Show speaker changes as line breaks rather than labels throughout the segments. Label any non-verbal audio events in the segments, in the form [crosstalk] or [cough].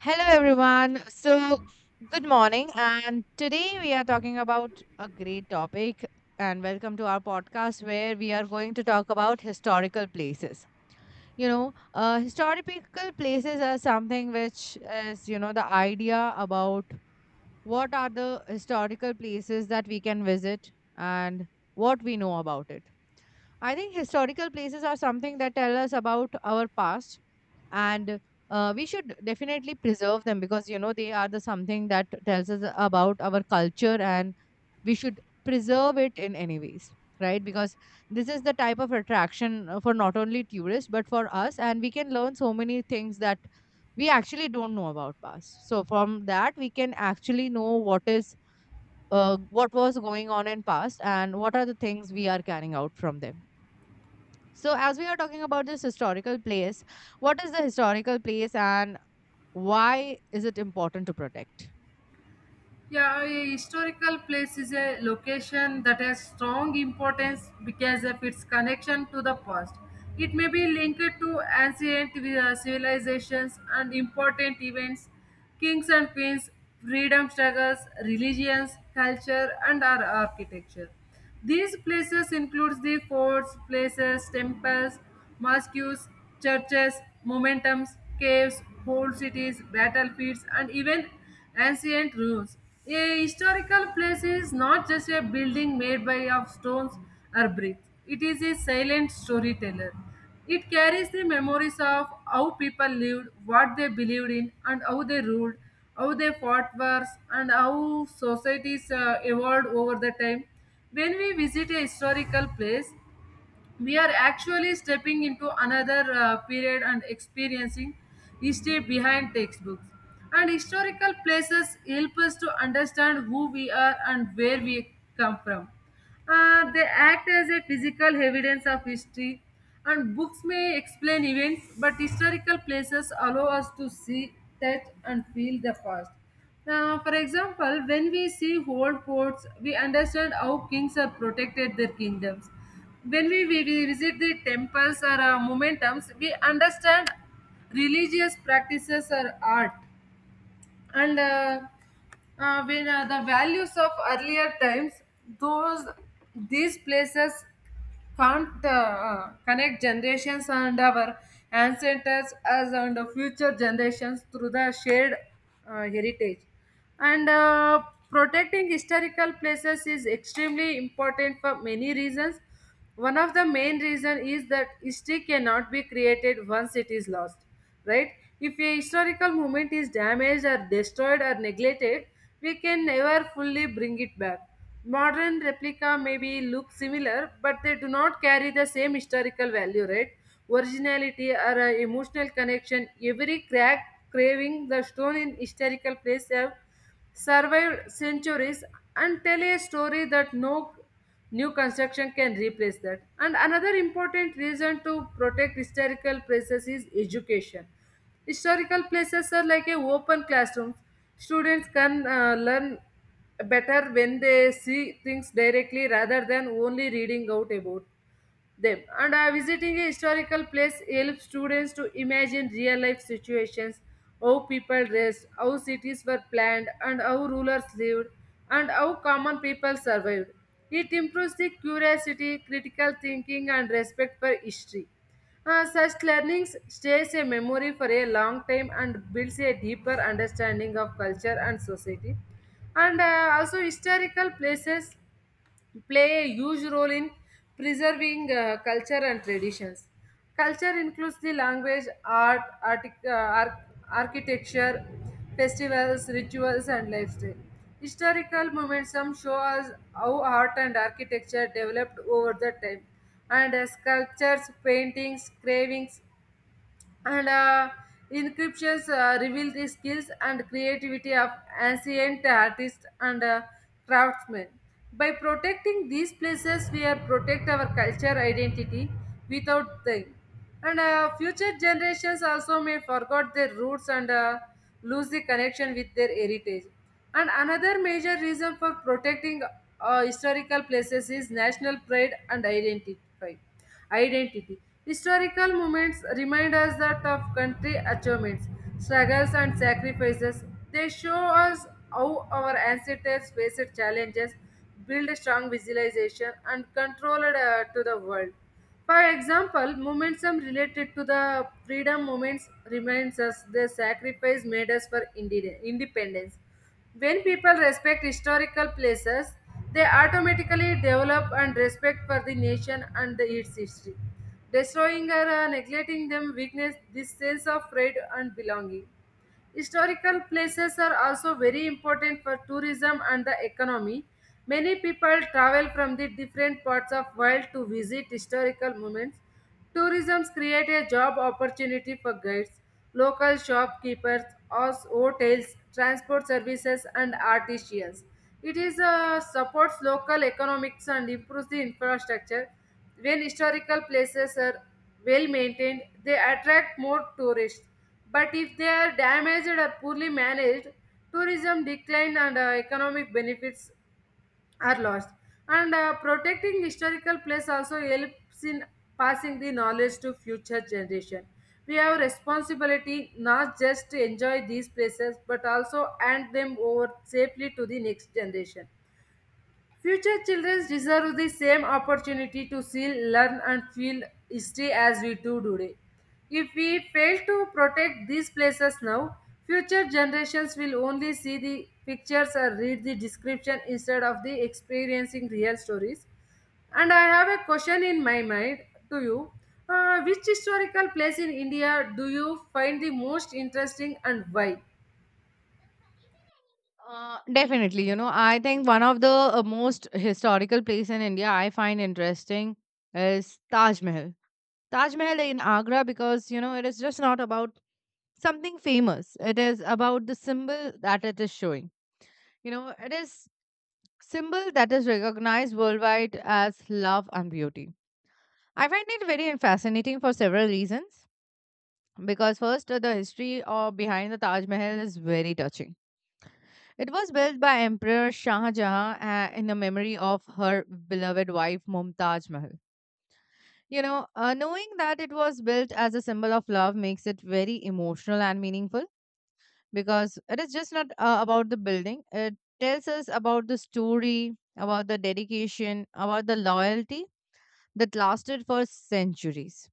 Hello, everyone. So, good morning. And today we are talking about a great topic. And welcome to our podcast where we are going to talk about historical places. Historical places are something which is, the idea about what are the historical places that we can visit and what we know about it. I think historical places are something that tell us about our past, and we should definitely preserve them because they are the something that tells us about our culture, and we should preserve it in any ways, right? Because this is the type of attraction for not only tourists but for us, and we can learn so many things that we actually don't know about past. So from that we can actually know what is, what was going on in past and what are the things we are carrying out from them. So, as we are talking about this historical place, what is the historical place and why is it important to protect?
Yeah, a historical place is a location that has strong importance because of its connection to the past. It may be linked to ancient civilizations and important events, kings and queens, freedom struggles, religions, culture, and our architecture. These places include the forts, places, temples, mosques, churches, momentums, caves, whole cities, battlefields, and even ancient ruins. A historical place is not just a building made by of stones or bricks. It is a silent storyteller. It carries the memories of how people lived, what they believed in, and how they ruled, how they fought wars, and how societies evolved over the time. When we visit a historical place, we are actually stepping into another period and experiencing history behind textbooks, and historical places help us to understand who we are and where we come from. They act as a physical evidence of history, and books may explain events, but historical places allow us to see, touch, and feel the past. Now, for example, when we see old forts, we understand how kings have protected their kingdoms. When we visit the temples or momentums, we understand religious practices or art. And when The values of earlier times, those these places can't connect generations and our ancestors as and the future generations through the shared heritage. And Protecting historical places is extremely important for many reasons. One of the main reason is that history cannot be created once it is lost, right? If a historical moment is damaged or destroyed or neglected, we can never fully bring it back. Modern replica maybe look similar, but they do not carry the same historical value, right? Originality or emotional connection, every crack, craving the stone in historical place have survived centuries and tell a story that no new construction can replace that. And another important reason to protect historical places is education. Historical places are like a open classroom. Students can learn better when they see things directly rather than only reading out about them, and visiting a historical place helps students to imagine real life situations, how people dressed, how cities were planned, and how rulers lived, and how common people survived. It improves the curiosity, critical thinking, and respect for history. Such learnings stays a memory for a long time and builds a deeper understanding of culture and society. And also historical places play a huge role in preserving culture and traditions. Culture includes the language, art, architecture, festivals, rituals, and lifestyle. Historical momentum show us how art and architecture developed over the time, and as sculptures, paintings, carvings, and inscriptions reveal the skills and creativity of ancient artists and craftsmen. By protecting these places, we are protect our culture identity without them. And future generations also may forget their roots and lose the connection with their heritage. And another major reason for protecting historical places is national pride and identity. Historical moments remind us that of country achievements, struggles, and sacrifices. They show us how our ancestors faced challenges, built a strong visualization, and controlled to the world. For example, momentum related to the freedom movements reminds us the sacrifice made us for independence. When people respect historical places, they automatically develop and respect for the nation and the, its history. Destroying or neglecting them weakness this sense of pride and belonging. Historical places are also very important for tourism and the economy. Many people travel from the different parts of world to visit historical moments. Tourism create a job opportunity for guides, local shopkeepers, hotels, transport services, and artisans. It is supports local economics and improves the infrastructure. When historical places are well maintained, they attract more tourists. But if they are damaged or poorly managed, tourism decline and economic benefits are lost. And protecting historical place also helps in passing the knowledge to future generation. We have responsibility not just to enjoy these places but also hand them over safely to the next generation. Future children deserve the same opportunity to see, learn, and feel history as we do today. If we fail to protect these places now, future generations will only see the pictures or read the description instead of the experiencing real stories. And I have a question in my mind to you. Which historical place in India do you find the most interesting and why?
Definitely, I think one of the most historical place in India I find interesting is Taj Mahal. Taj Mahal in Agra, because it is just not about something famous. It is about the symbol that it is showing. It is symbol that is recognized worldwide as love and beauty. I find it very fascinating for several reasons. Because first, the history behind the Taj Mahal is very touching. It was built by Emperor Shah Jahan in the memory of her beloved wife Mumtaz Mahal. Knowing that it was built as a symbol of love makes it very emotional and meaningful, because it is just not about the building. It tells us about the story, about the dedication, about the loyalty that lasted for centuries.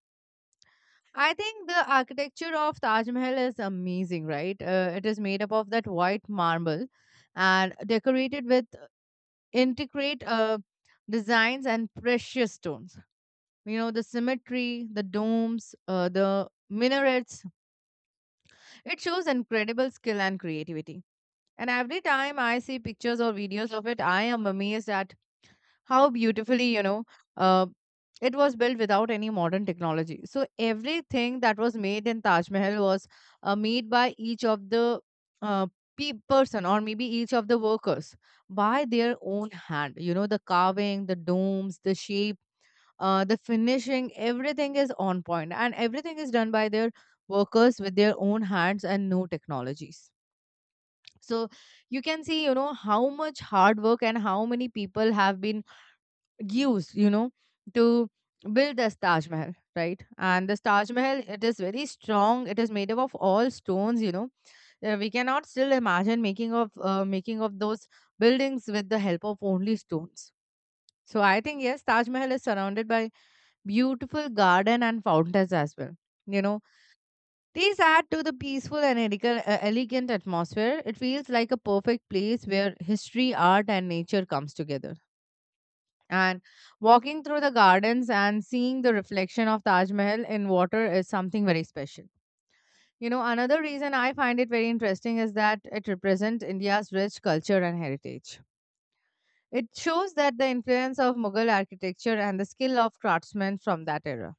I think the architecture of Taj Mahal is amazing, right? It is made up of that white marble and decorated with intricate designs and precious stones. The symmetry, the domes, the minarets. It shows incredible skill and creativity. And every time I see pictures or videos of it, I am amazed at how beautifully, uh, it was built without any modern technology. So everything that was made in Taj Mahal was, made by each of the uh, person, or maybe each of the workers, by their own hand. You know, the carving, the domes, the shape, the finishing, everything is on point, and everything is done by their workers with their own hands and no technologies. So you can see, how much hard work and how many people have been used, to build this Taj Mahal, right? And this Taj Mahal, it is very strong. It is made up of all stones, we cannot still imagine making of, those buildings with the help of only stones. So I think yes, Taj Mahal is surrounded by beautiful garden and fountains as well. You know, these add to the peaceful and elegant, elegant atmosphere. It feels like a perfect place where history, art, and nature comes together. And walking through the gardens and seeing the reflection of Taj Mahal in water is something very special. Another reason I find it very interesting is that it represents India's rich culture and heritage. It shows that the influence of Mughal architecture and the skill of craftsmen from that era.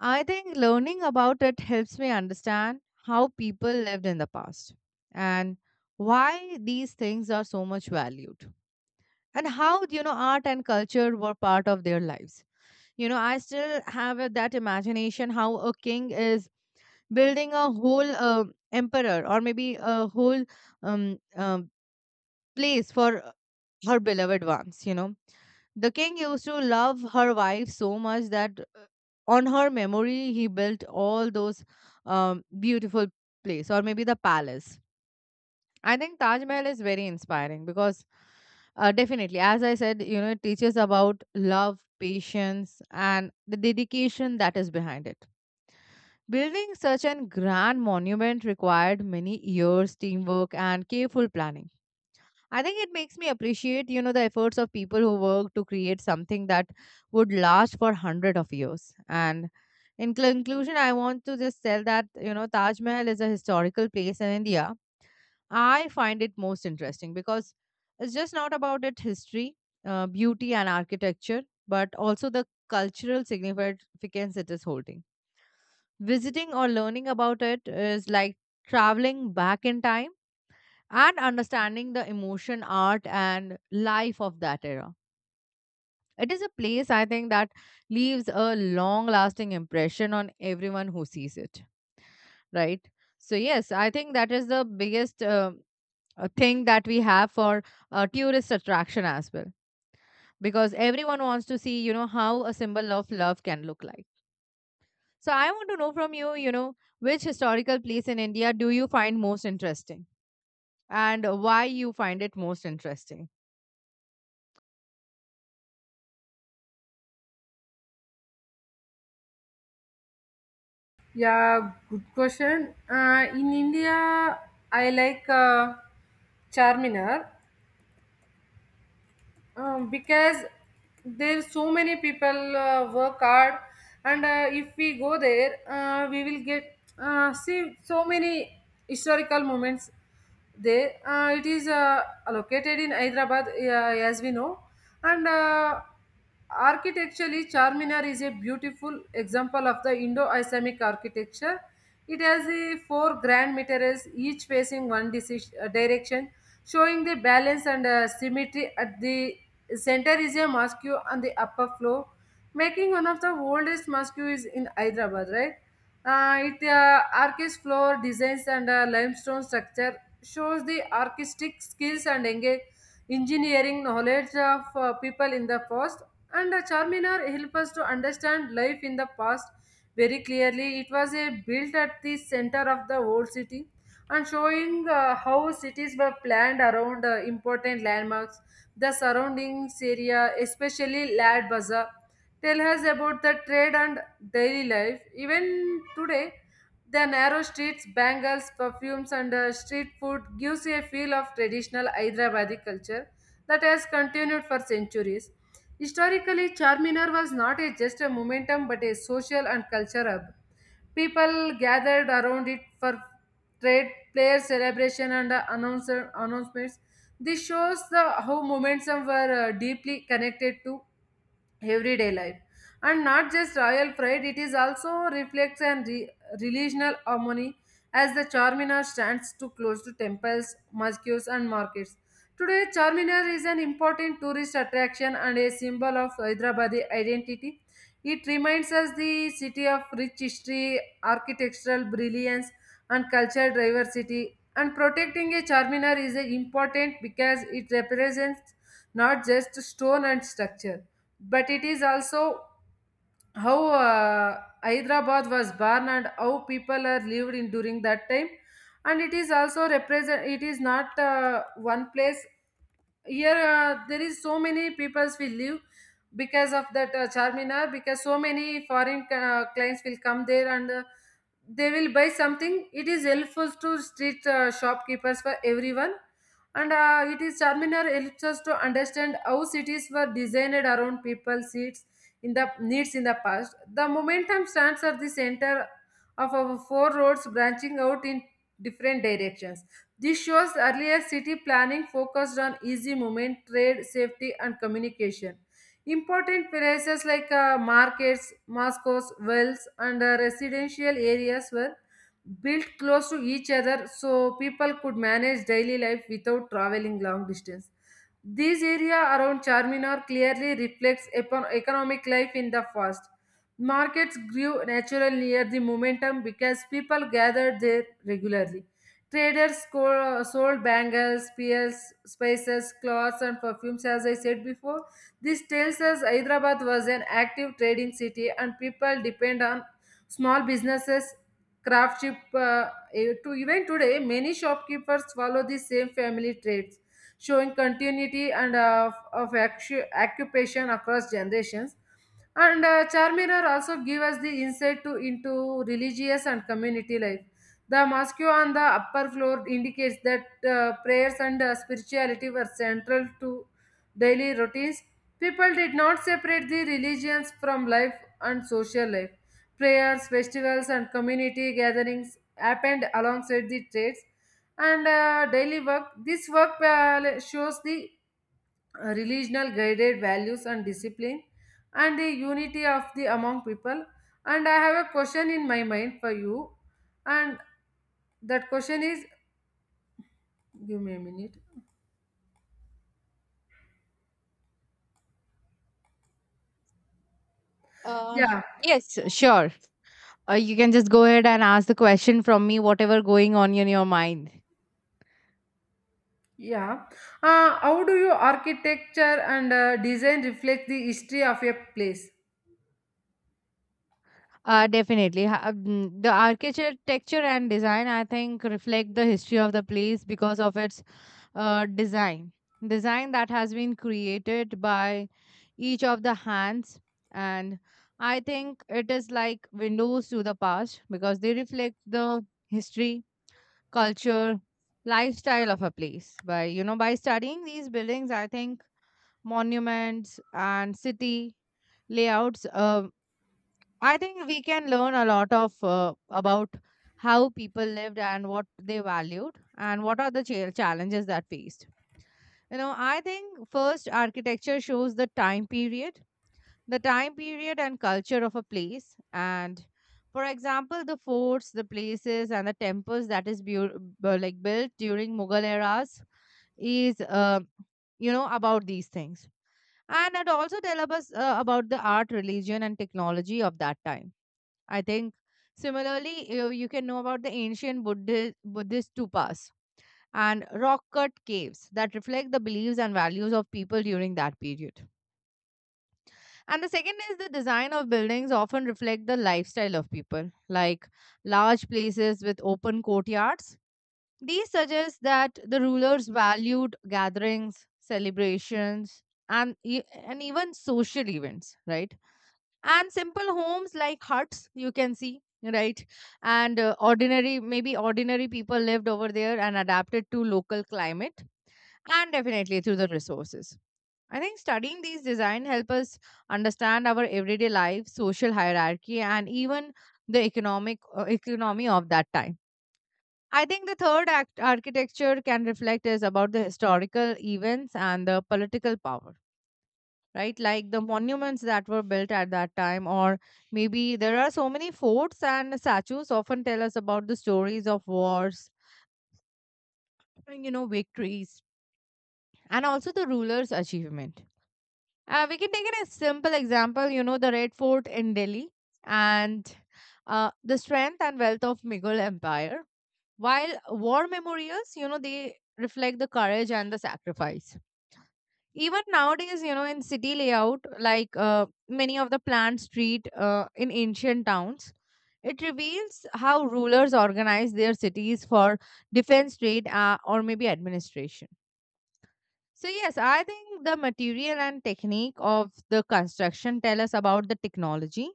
I think learning about it helps me understand how people lived in the past and why these things are so much valued, and how, art and culture were part of their lives. I still have that imagination, how a king is building a whole emperor, or maybe a whole, um, um, place for, her beloved ones, The king used to love her wife so much that, on her memory he built all those, beautiful place, or maybe the palace. I think Taj Mahal is very inspiring because, definitely, as I said, it teaches about love, patience, and the dedication that is behind it. Building such an grand monument required many years, teamwork, and careful planning. I think it makes me appreciate, the efforts of people who work to create something that would last for hundred of years. And in conclusion, I want to just tell that, Taj Mahal is a historical place in India I find it most interesting because it's just not about its history, beauty, and architecture, but also the cultural significance it is holding. Visiting or learning about it is like traveling back in time and understanding the emotion, art, and life of that era. It is a place, I think, that leaves a long lasting impression on everyone who sees it, right? So, yes, I think that is the biggest. A thing that we have for tourist attraction as well, because everyone wants to see, how a symbol of love can look like. So I want to know from you, you know which historical place in India do you find most interesting, and why you find it most interesting.
Yeah, good question. In India, I like Charminar, because there so many people work hard, and if we go there, we will get see so many historical moments. They it is located in Hyderabad, as we know, and architecturally, Charminar is a beautiful example of the Indo-Islamic architecture. It has a four grand minarets, each facing one direction, showing the balance and symmetry. At the center is a mosque on the upper floor, making one of the oldest mosques in Hyderabad, right? It arcus floor designs and limestone structure shows the artistic skills and engage engineering knowledge of people in the past. And charminar helps us to understand life in the past very clearly. It was a built at the center of the old city and showing how cities were planned around important landmarks. The surroundings area, especially lad bazaar, tell us about the trade and daily life. Even today, the narrow streets, bangles, perfumes, and street food gives you a feel of traditional Hyderabadi culture that has continued for centuries. Historically, Charminar was not a, just a momentum but a social and culture hub. People gathered around it for trade, player celebration, and announcements. This shows the, how momentum were deeply connected to everyday life and not just royal pride. It is also reflects and relational harmony, as the charminar stands too close to temples, mosques, and markets. Today charminar is an important tourist attraction and a symbol of hyderabadi identity. It reminds us the city of rich history, architectural brilliance, and cultural diversity. And protecting a charminar is a important because it represents not just stone and structure, but it is also how hyderabad was born and how people are lived in during that time. And it is also represent it is not one place. Here there is so many peoples will live because of that charminar, because so many foreign clients will come there and they will buy something. It is helpful to street shopkeepers, for everyone. And it is charminar helps us to understand how cities were designed around people's seats in the needs in the past. The momentum stands at the center of our four roads branching out in different directions. This shows earlier city planning focused on easy movement, trade, safety, and communication. Important places like markets, mosques, wells, and residential areas were built close to each other, so people could manage daily life without traveling long distance. This area around Charminar clearly reflects upon economic life in the past. Markets grew naturally near the momentum because people gathered there regularly. Sold bangles, pearls, spices, cloths, and perfumes. As I said before, this tells us Hyderabad was an active trading city, and people depend on small businesses, craftship. To even today, many shopkeepers follow the same family trade, showing continuity and occupation across generations. And Charminar also give us the insight to into religious and community life. The mosque on the upper floor indicates that prayers and spirituality were central to daily routines. People did not separate the religions from life and social life. Prayers, festivals, and community gatherings happened alongside the trades and daily work. This work shows the religional guided values and discipline and the unity of the among people. And I have a question in my mind for you, and that question is, give me a minute.
Uh,
Yeah,
yes, sure, you can just go ahead and ask the question from me, whatever going on in your mind.
yeah. How do you architecture and design reflect the history of a place?
Definitely. The architecture and design, I think, reflect the history of the place because of its uh, design design that has been created by each of the hands. And I think it is like windows to the past, because they reflect the history, culture, lifestyle of a place. By by studying these buildings, I think, monuments and city layouts, I think we can learn a lot of about how people lived and what they valued and what are the challenges that faced. I think first architecture shows the time period, and culture of a place. And for example, the forts, the places, and the temples that is like built during Mughal eras is, about these things. And it also tells us about the art, religion, and technology of that time. I think similarly, you can know about the ancient Buddhist stupas and rock cut caves that reflect the beliefs and values of people during that period. And the second is the design of buildings often reflect the lifestyle of people, like large places with open courtyards. These suggest that the rulers valued gatherings, celebrations, and, and even social events, right? And simple homes like huts you can see, right? And ordinary maybe ordinary people lived over there and adapted to local climate, and definitely through the resources. I think studying these design help us understand our everyday life, social hierarchy, and even the economic, economy of that time. I think the third act architecture can reflect is about the historical events and the political power, right? Like the monuments that were built at that time, or maybe there are so many forts and statues often tell us about the stories of wars, and, victories, and also the ruler's achievement. We can take it a simple example, the Red Fort in Delhi, and the strength and wealth of Mughal Empire. While war memorials, they reflect the courage and the sacrifice. Even nowadays, in city layout, like many of the planned street in ancient towns, it reveals how rulers organize their cities for defense, trade, or maybe administration. So yes, I think the material and technique of the construction tell us about the technology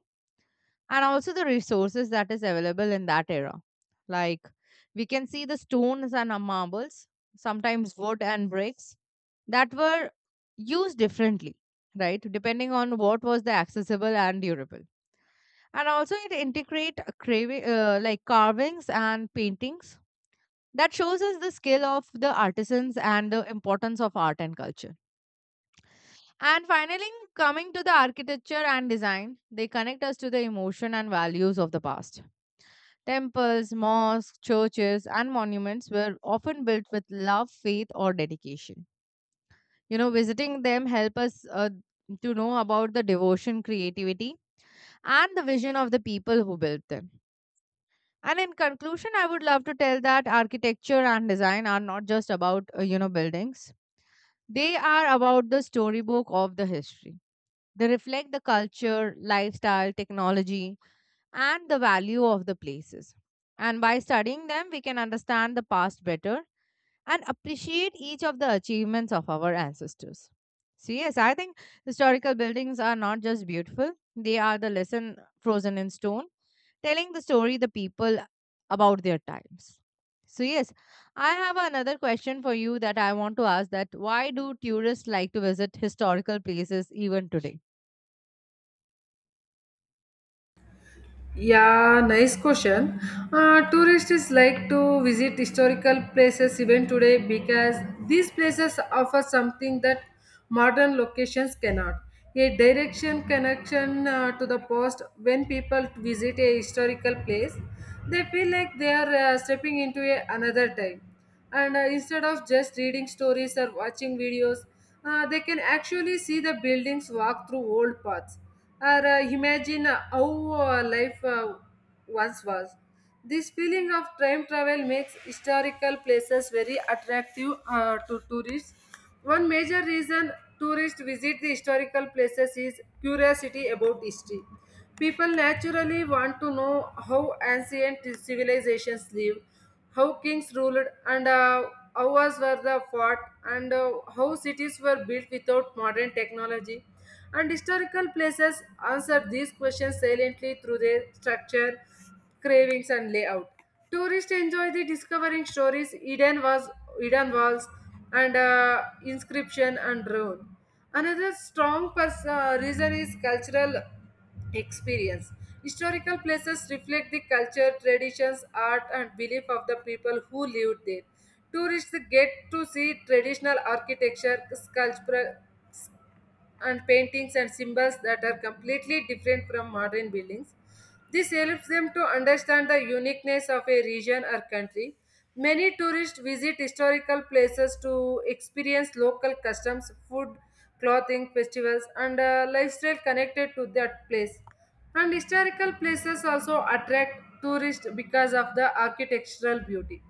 and also the resources that is available in that era. Like we can see the stones and, marbles, sometimes wood and bricks that were used differently, right? Depending on what was the accessible and durable. And also it integrate a craving, like carvings and paintings that shows us the skill of the artisans and the importance of art and culture. And finally, coming to the architecture and design, they connect us to the emotion and values of the past. Temples, mosques, churches, and monuments were often built with love, faith, or dedication. Visiting them help us to know about the devotion, creativity, and the vision of the people who built them. And in conclusion, I would love to tell that architecture and design are not just about, buildings; they are about the storybook of the history. They reflect the culture, lifestyle, technology, and the value of the places. And by studying them, we can understand the past better and appreciate each of the achievements of our ancestors. So, yes, I think historical buildings are not just beautiful, they are the lesson frozen in stone, telling the story the people about their times. So, yes, I have another question for you that I want to ask that why do tourists like to visit historical places even today?
Yeah, nice question. Tourists is like to visit historical places even today because these places offer something that modern locations cannot. A direction connection to the past. When people visit a historical place, they feel like they are stepping into another time and instead of just reading stories or watching videos, they can actually see the buildings, walk through old paths, or imagine how life once was. This feeling of time travel makes historical places very attractive to tourists. One major reason tourists visit the historical places is curiosity about history. People naturally want to know how ancient civilizations lived, how kings ruled, and how wars were the fought, and how cities were built without modern technology. And historical places answer these questions silently through their structure, cravings, and layout. Tourists enjoy the discovering stories hidden was hidden walls and inscription and ruin. Another strong reason is cultural experience. Historical places reflect the culture, traditions, art, and belief of the people who lived there. Tourists get to see traditional architecture, sculpture, and paintings and symbols that are completely different from modern buildings. This helps them to understand the uniqueness of a region or country. Many tourists visit historical places to experience local customs, food, clothing, festivals, and lifestyle connected to that place. And historical places also attract tourists because of the architectural beauty.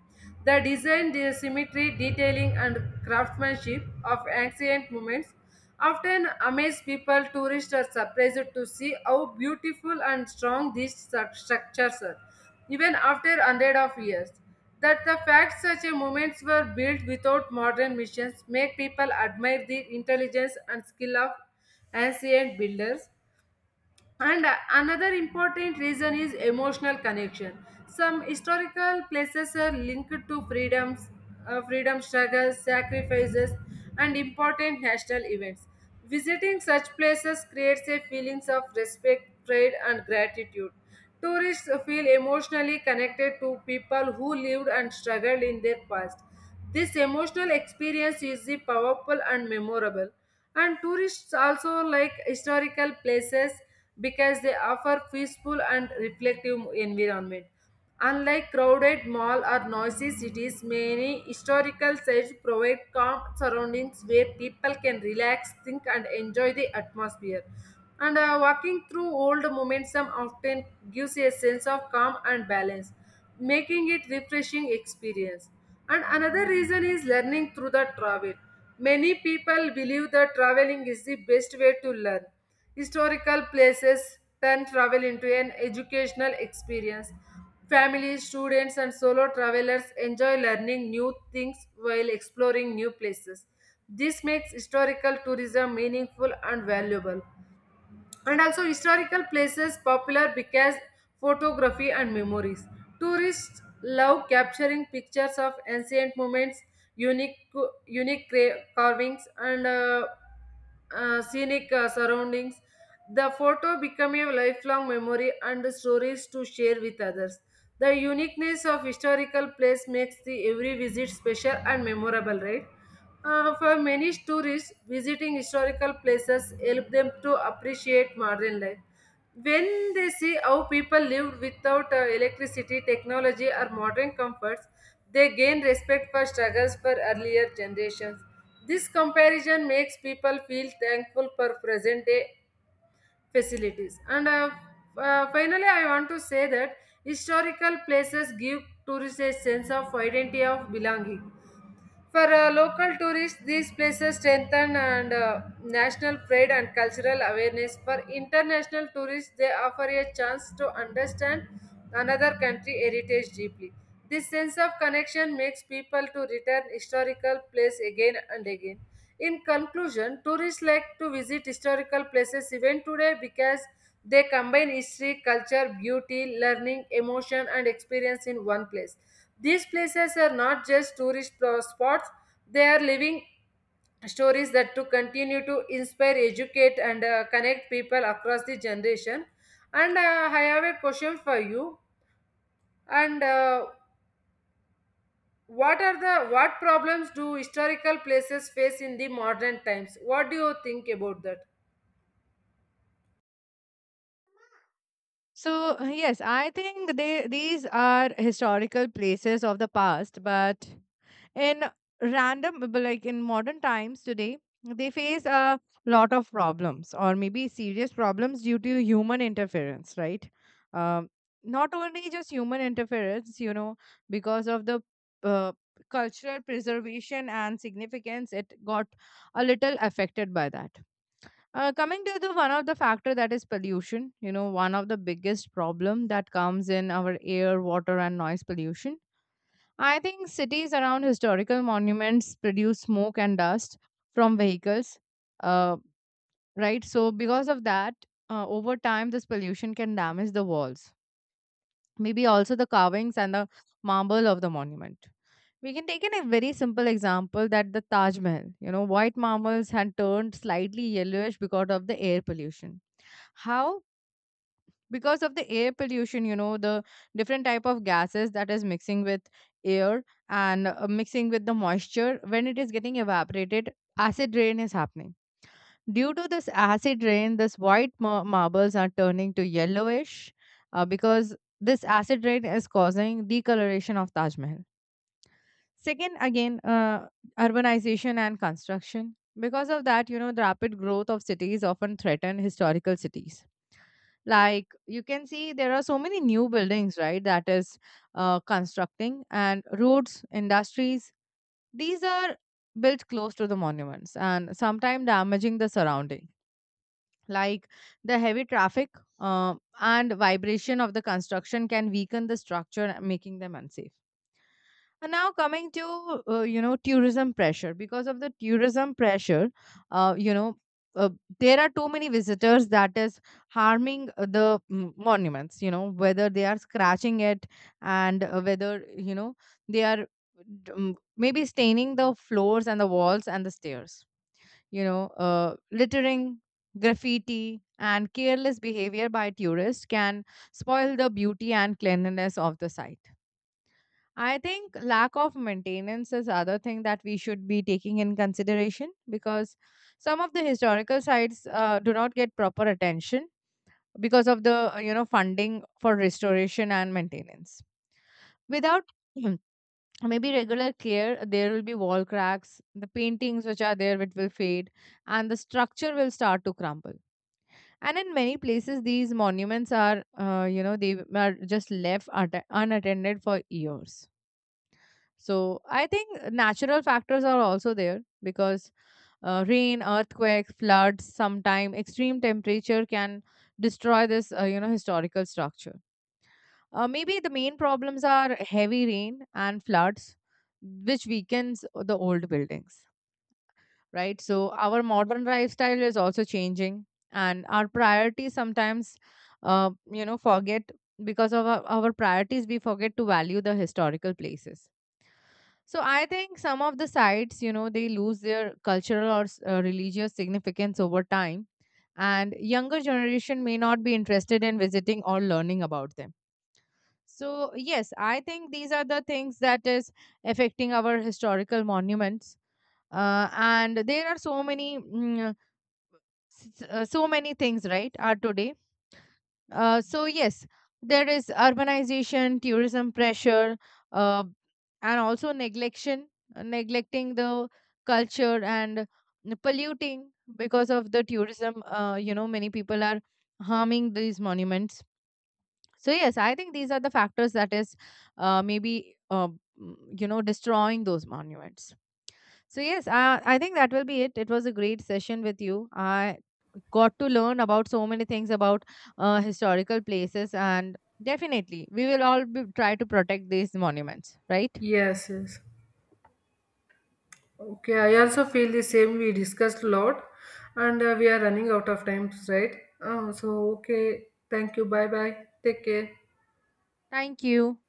The design, the symmetry, detailing, and craftsmanship of ancient monuments often amaze people. Tourists are surprised to see how beautiful and strong these structures are, even after hundreds of years. That the fact such a monuments were built without modern machines make people admire the intelligence and skill of ancient builders. And another important reason is emotional connection. Some historical places are linked to freedoms, freedom struggles, sacrifices, and important national events. Visiting such places creates a feelings of respect, pride, and gratitude. Tourists feel emotionally connected to people who lived and struggled in their past. This emotional experience is the powerful and memorable. And tourists also like historical places because they offer peaceful and reflective environment. Unlike crowded mall or noisy cities, many historical sites provide calm surroundings where people can relax, think, and enjoy the atmosphere. And walking through old momentum often gives a sense of calm and balance, making it refreshing experience. And another reason is learning through the travel. Many people believe that traveling is the best way to learn. Historical places turn travel into an educational experience. Families, students, and solo travelers enjoy learning new things while exploring new places. This makes historical tourism meaningful and valuable. And also historical places popular because photography and memories. Tourists love capturing pictures of ancient moments, unique unique carvings, and scenic surroundings. The photo become a lifelong memory and stories to share with others. The uniqueness of historical place makes the every visit special and memorable, right? For many tourists, visiting historical places help them to appreciate modern life. When they see how people lived without electricity, technology, or modern comforts, they gain respect for struggles for earlier generations. This comparison makes people feel thankful for present day facilities. And Finally, I want to say that historical places give tourists a sense of identity of belonging. For local tourists, these places strengthen and national pride and cultural awareness. For international tourists, they offer a chance to understand another country heritage deeply. This sense of connection makes people to return historical place again and again. In conclusion, tourists like to visit historical places even today because they combine history, culture, beauty, learning, emotion, and experience in one place. These places are not just tourist spots, they are living stories that to continue to inspire, educate, and connect people across the generation. And I have a question for you. And what are the what problems do historical places face in the modern times? What do you think about that?
So, yes, I think they these are historical places of the past, but in random but like in modern times today, they face a lot of problems or maybe serious problems due to human interference, right? Um, Not only just human interference, you know, because of the uh, cultural preservation and significance, it got a little affected by that. Uh, Coming to the one of the factor that is pollution, you know, one of the biggest problem that comes in our air, water, and noise pollution. I think cities around historical monuments produce smoke and dust from vehicles, uh, right? So because of that, over time, this pollution can damage the walls, maybe also the carvings and the marble of the monument. We can take in a very simple example that the Taj Mahal, you know, white marbles had turned slightly yellowish because of the air pollution. How? Because of the air pollution, you know, the different type of gases that is mixing with air, and mixing with the moisture. When it is getting evaporated, acid rain is happening. Due to this acid rain, this white marbles are turning to yellowish, because this acid rain is causing decoloration of Taj Mahal. Second, again, urbanization and construction. Because of that, you know, the rapid growth of cities often threaten historical cities. Like, you can see there are so many new buildings, right, that is constructing, and roads, industries, these are built close to the monuments and sometimes damaging the surrounding, like the heavy traffic and vibration of the construction can weaken the structure, making them unsafe. And now coming to you know, tourism pressure. Because of the tourism pressure, uh, you know uh, there are too many visitors that is harming the monuments. You know, whether they are scratching it, and whether, you know, they are maybe staining the floors and the walls and the stairs. You know, littering, graffiti, and careless behavior by tourists can spoil the beauty and cleanliness of the site. I think lack of maintenance is other thing that we should be taking in consideration, because some of the historical sites do not get proper attention because of the you know funding for restoration and maintenance. Without [clears throat] Mhm. maybe regular care, there will be wall cracks, the paintings which are there it will fade, and the structure will start to crumble. And in many places, these monuments are, they are just left unattended for years. So I think natural factors are also there, because rain, earthquakes, floods, sometime extreme temperature can destroy this, historical structure. Maybe the main problems are heavy rain and floods, which weakens the old buildings, right? So our modern lifestyle is also changing, and our priorities sometimes, forget. Because of our priorities, we forget to value the historical places. So I think some of the sites, you know, they lose their cultural or religious significance over time, and younger generation may not be interested in visiting or learning about them. So yes, I think these are the things that is affecting our historical monuments. And there are so many, so many things, right, are today. So yes, there is urbanization, tourism pressure, uh, and also neglection, neglecting the culture, and polluting because of the tourism. You know, many people are harming these monuments. So yes, I think these are the factors that is you know, destroying those monuments. So yes, I think that will be it. It was a great session with you. I got to learn about so many things about historical places, and definitely we will all be, try to protect these monuments, right?
Yes, yes. Okay, I also feel the same. We discussed a lot and we are running out of time, right? So, okay. Thank you. Bye bye. Take care.
Thank you.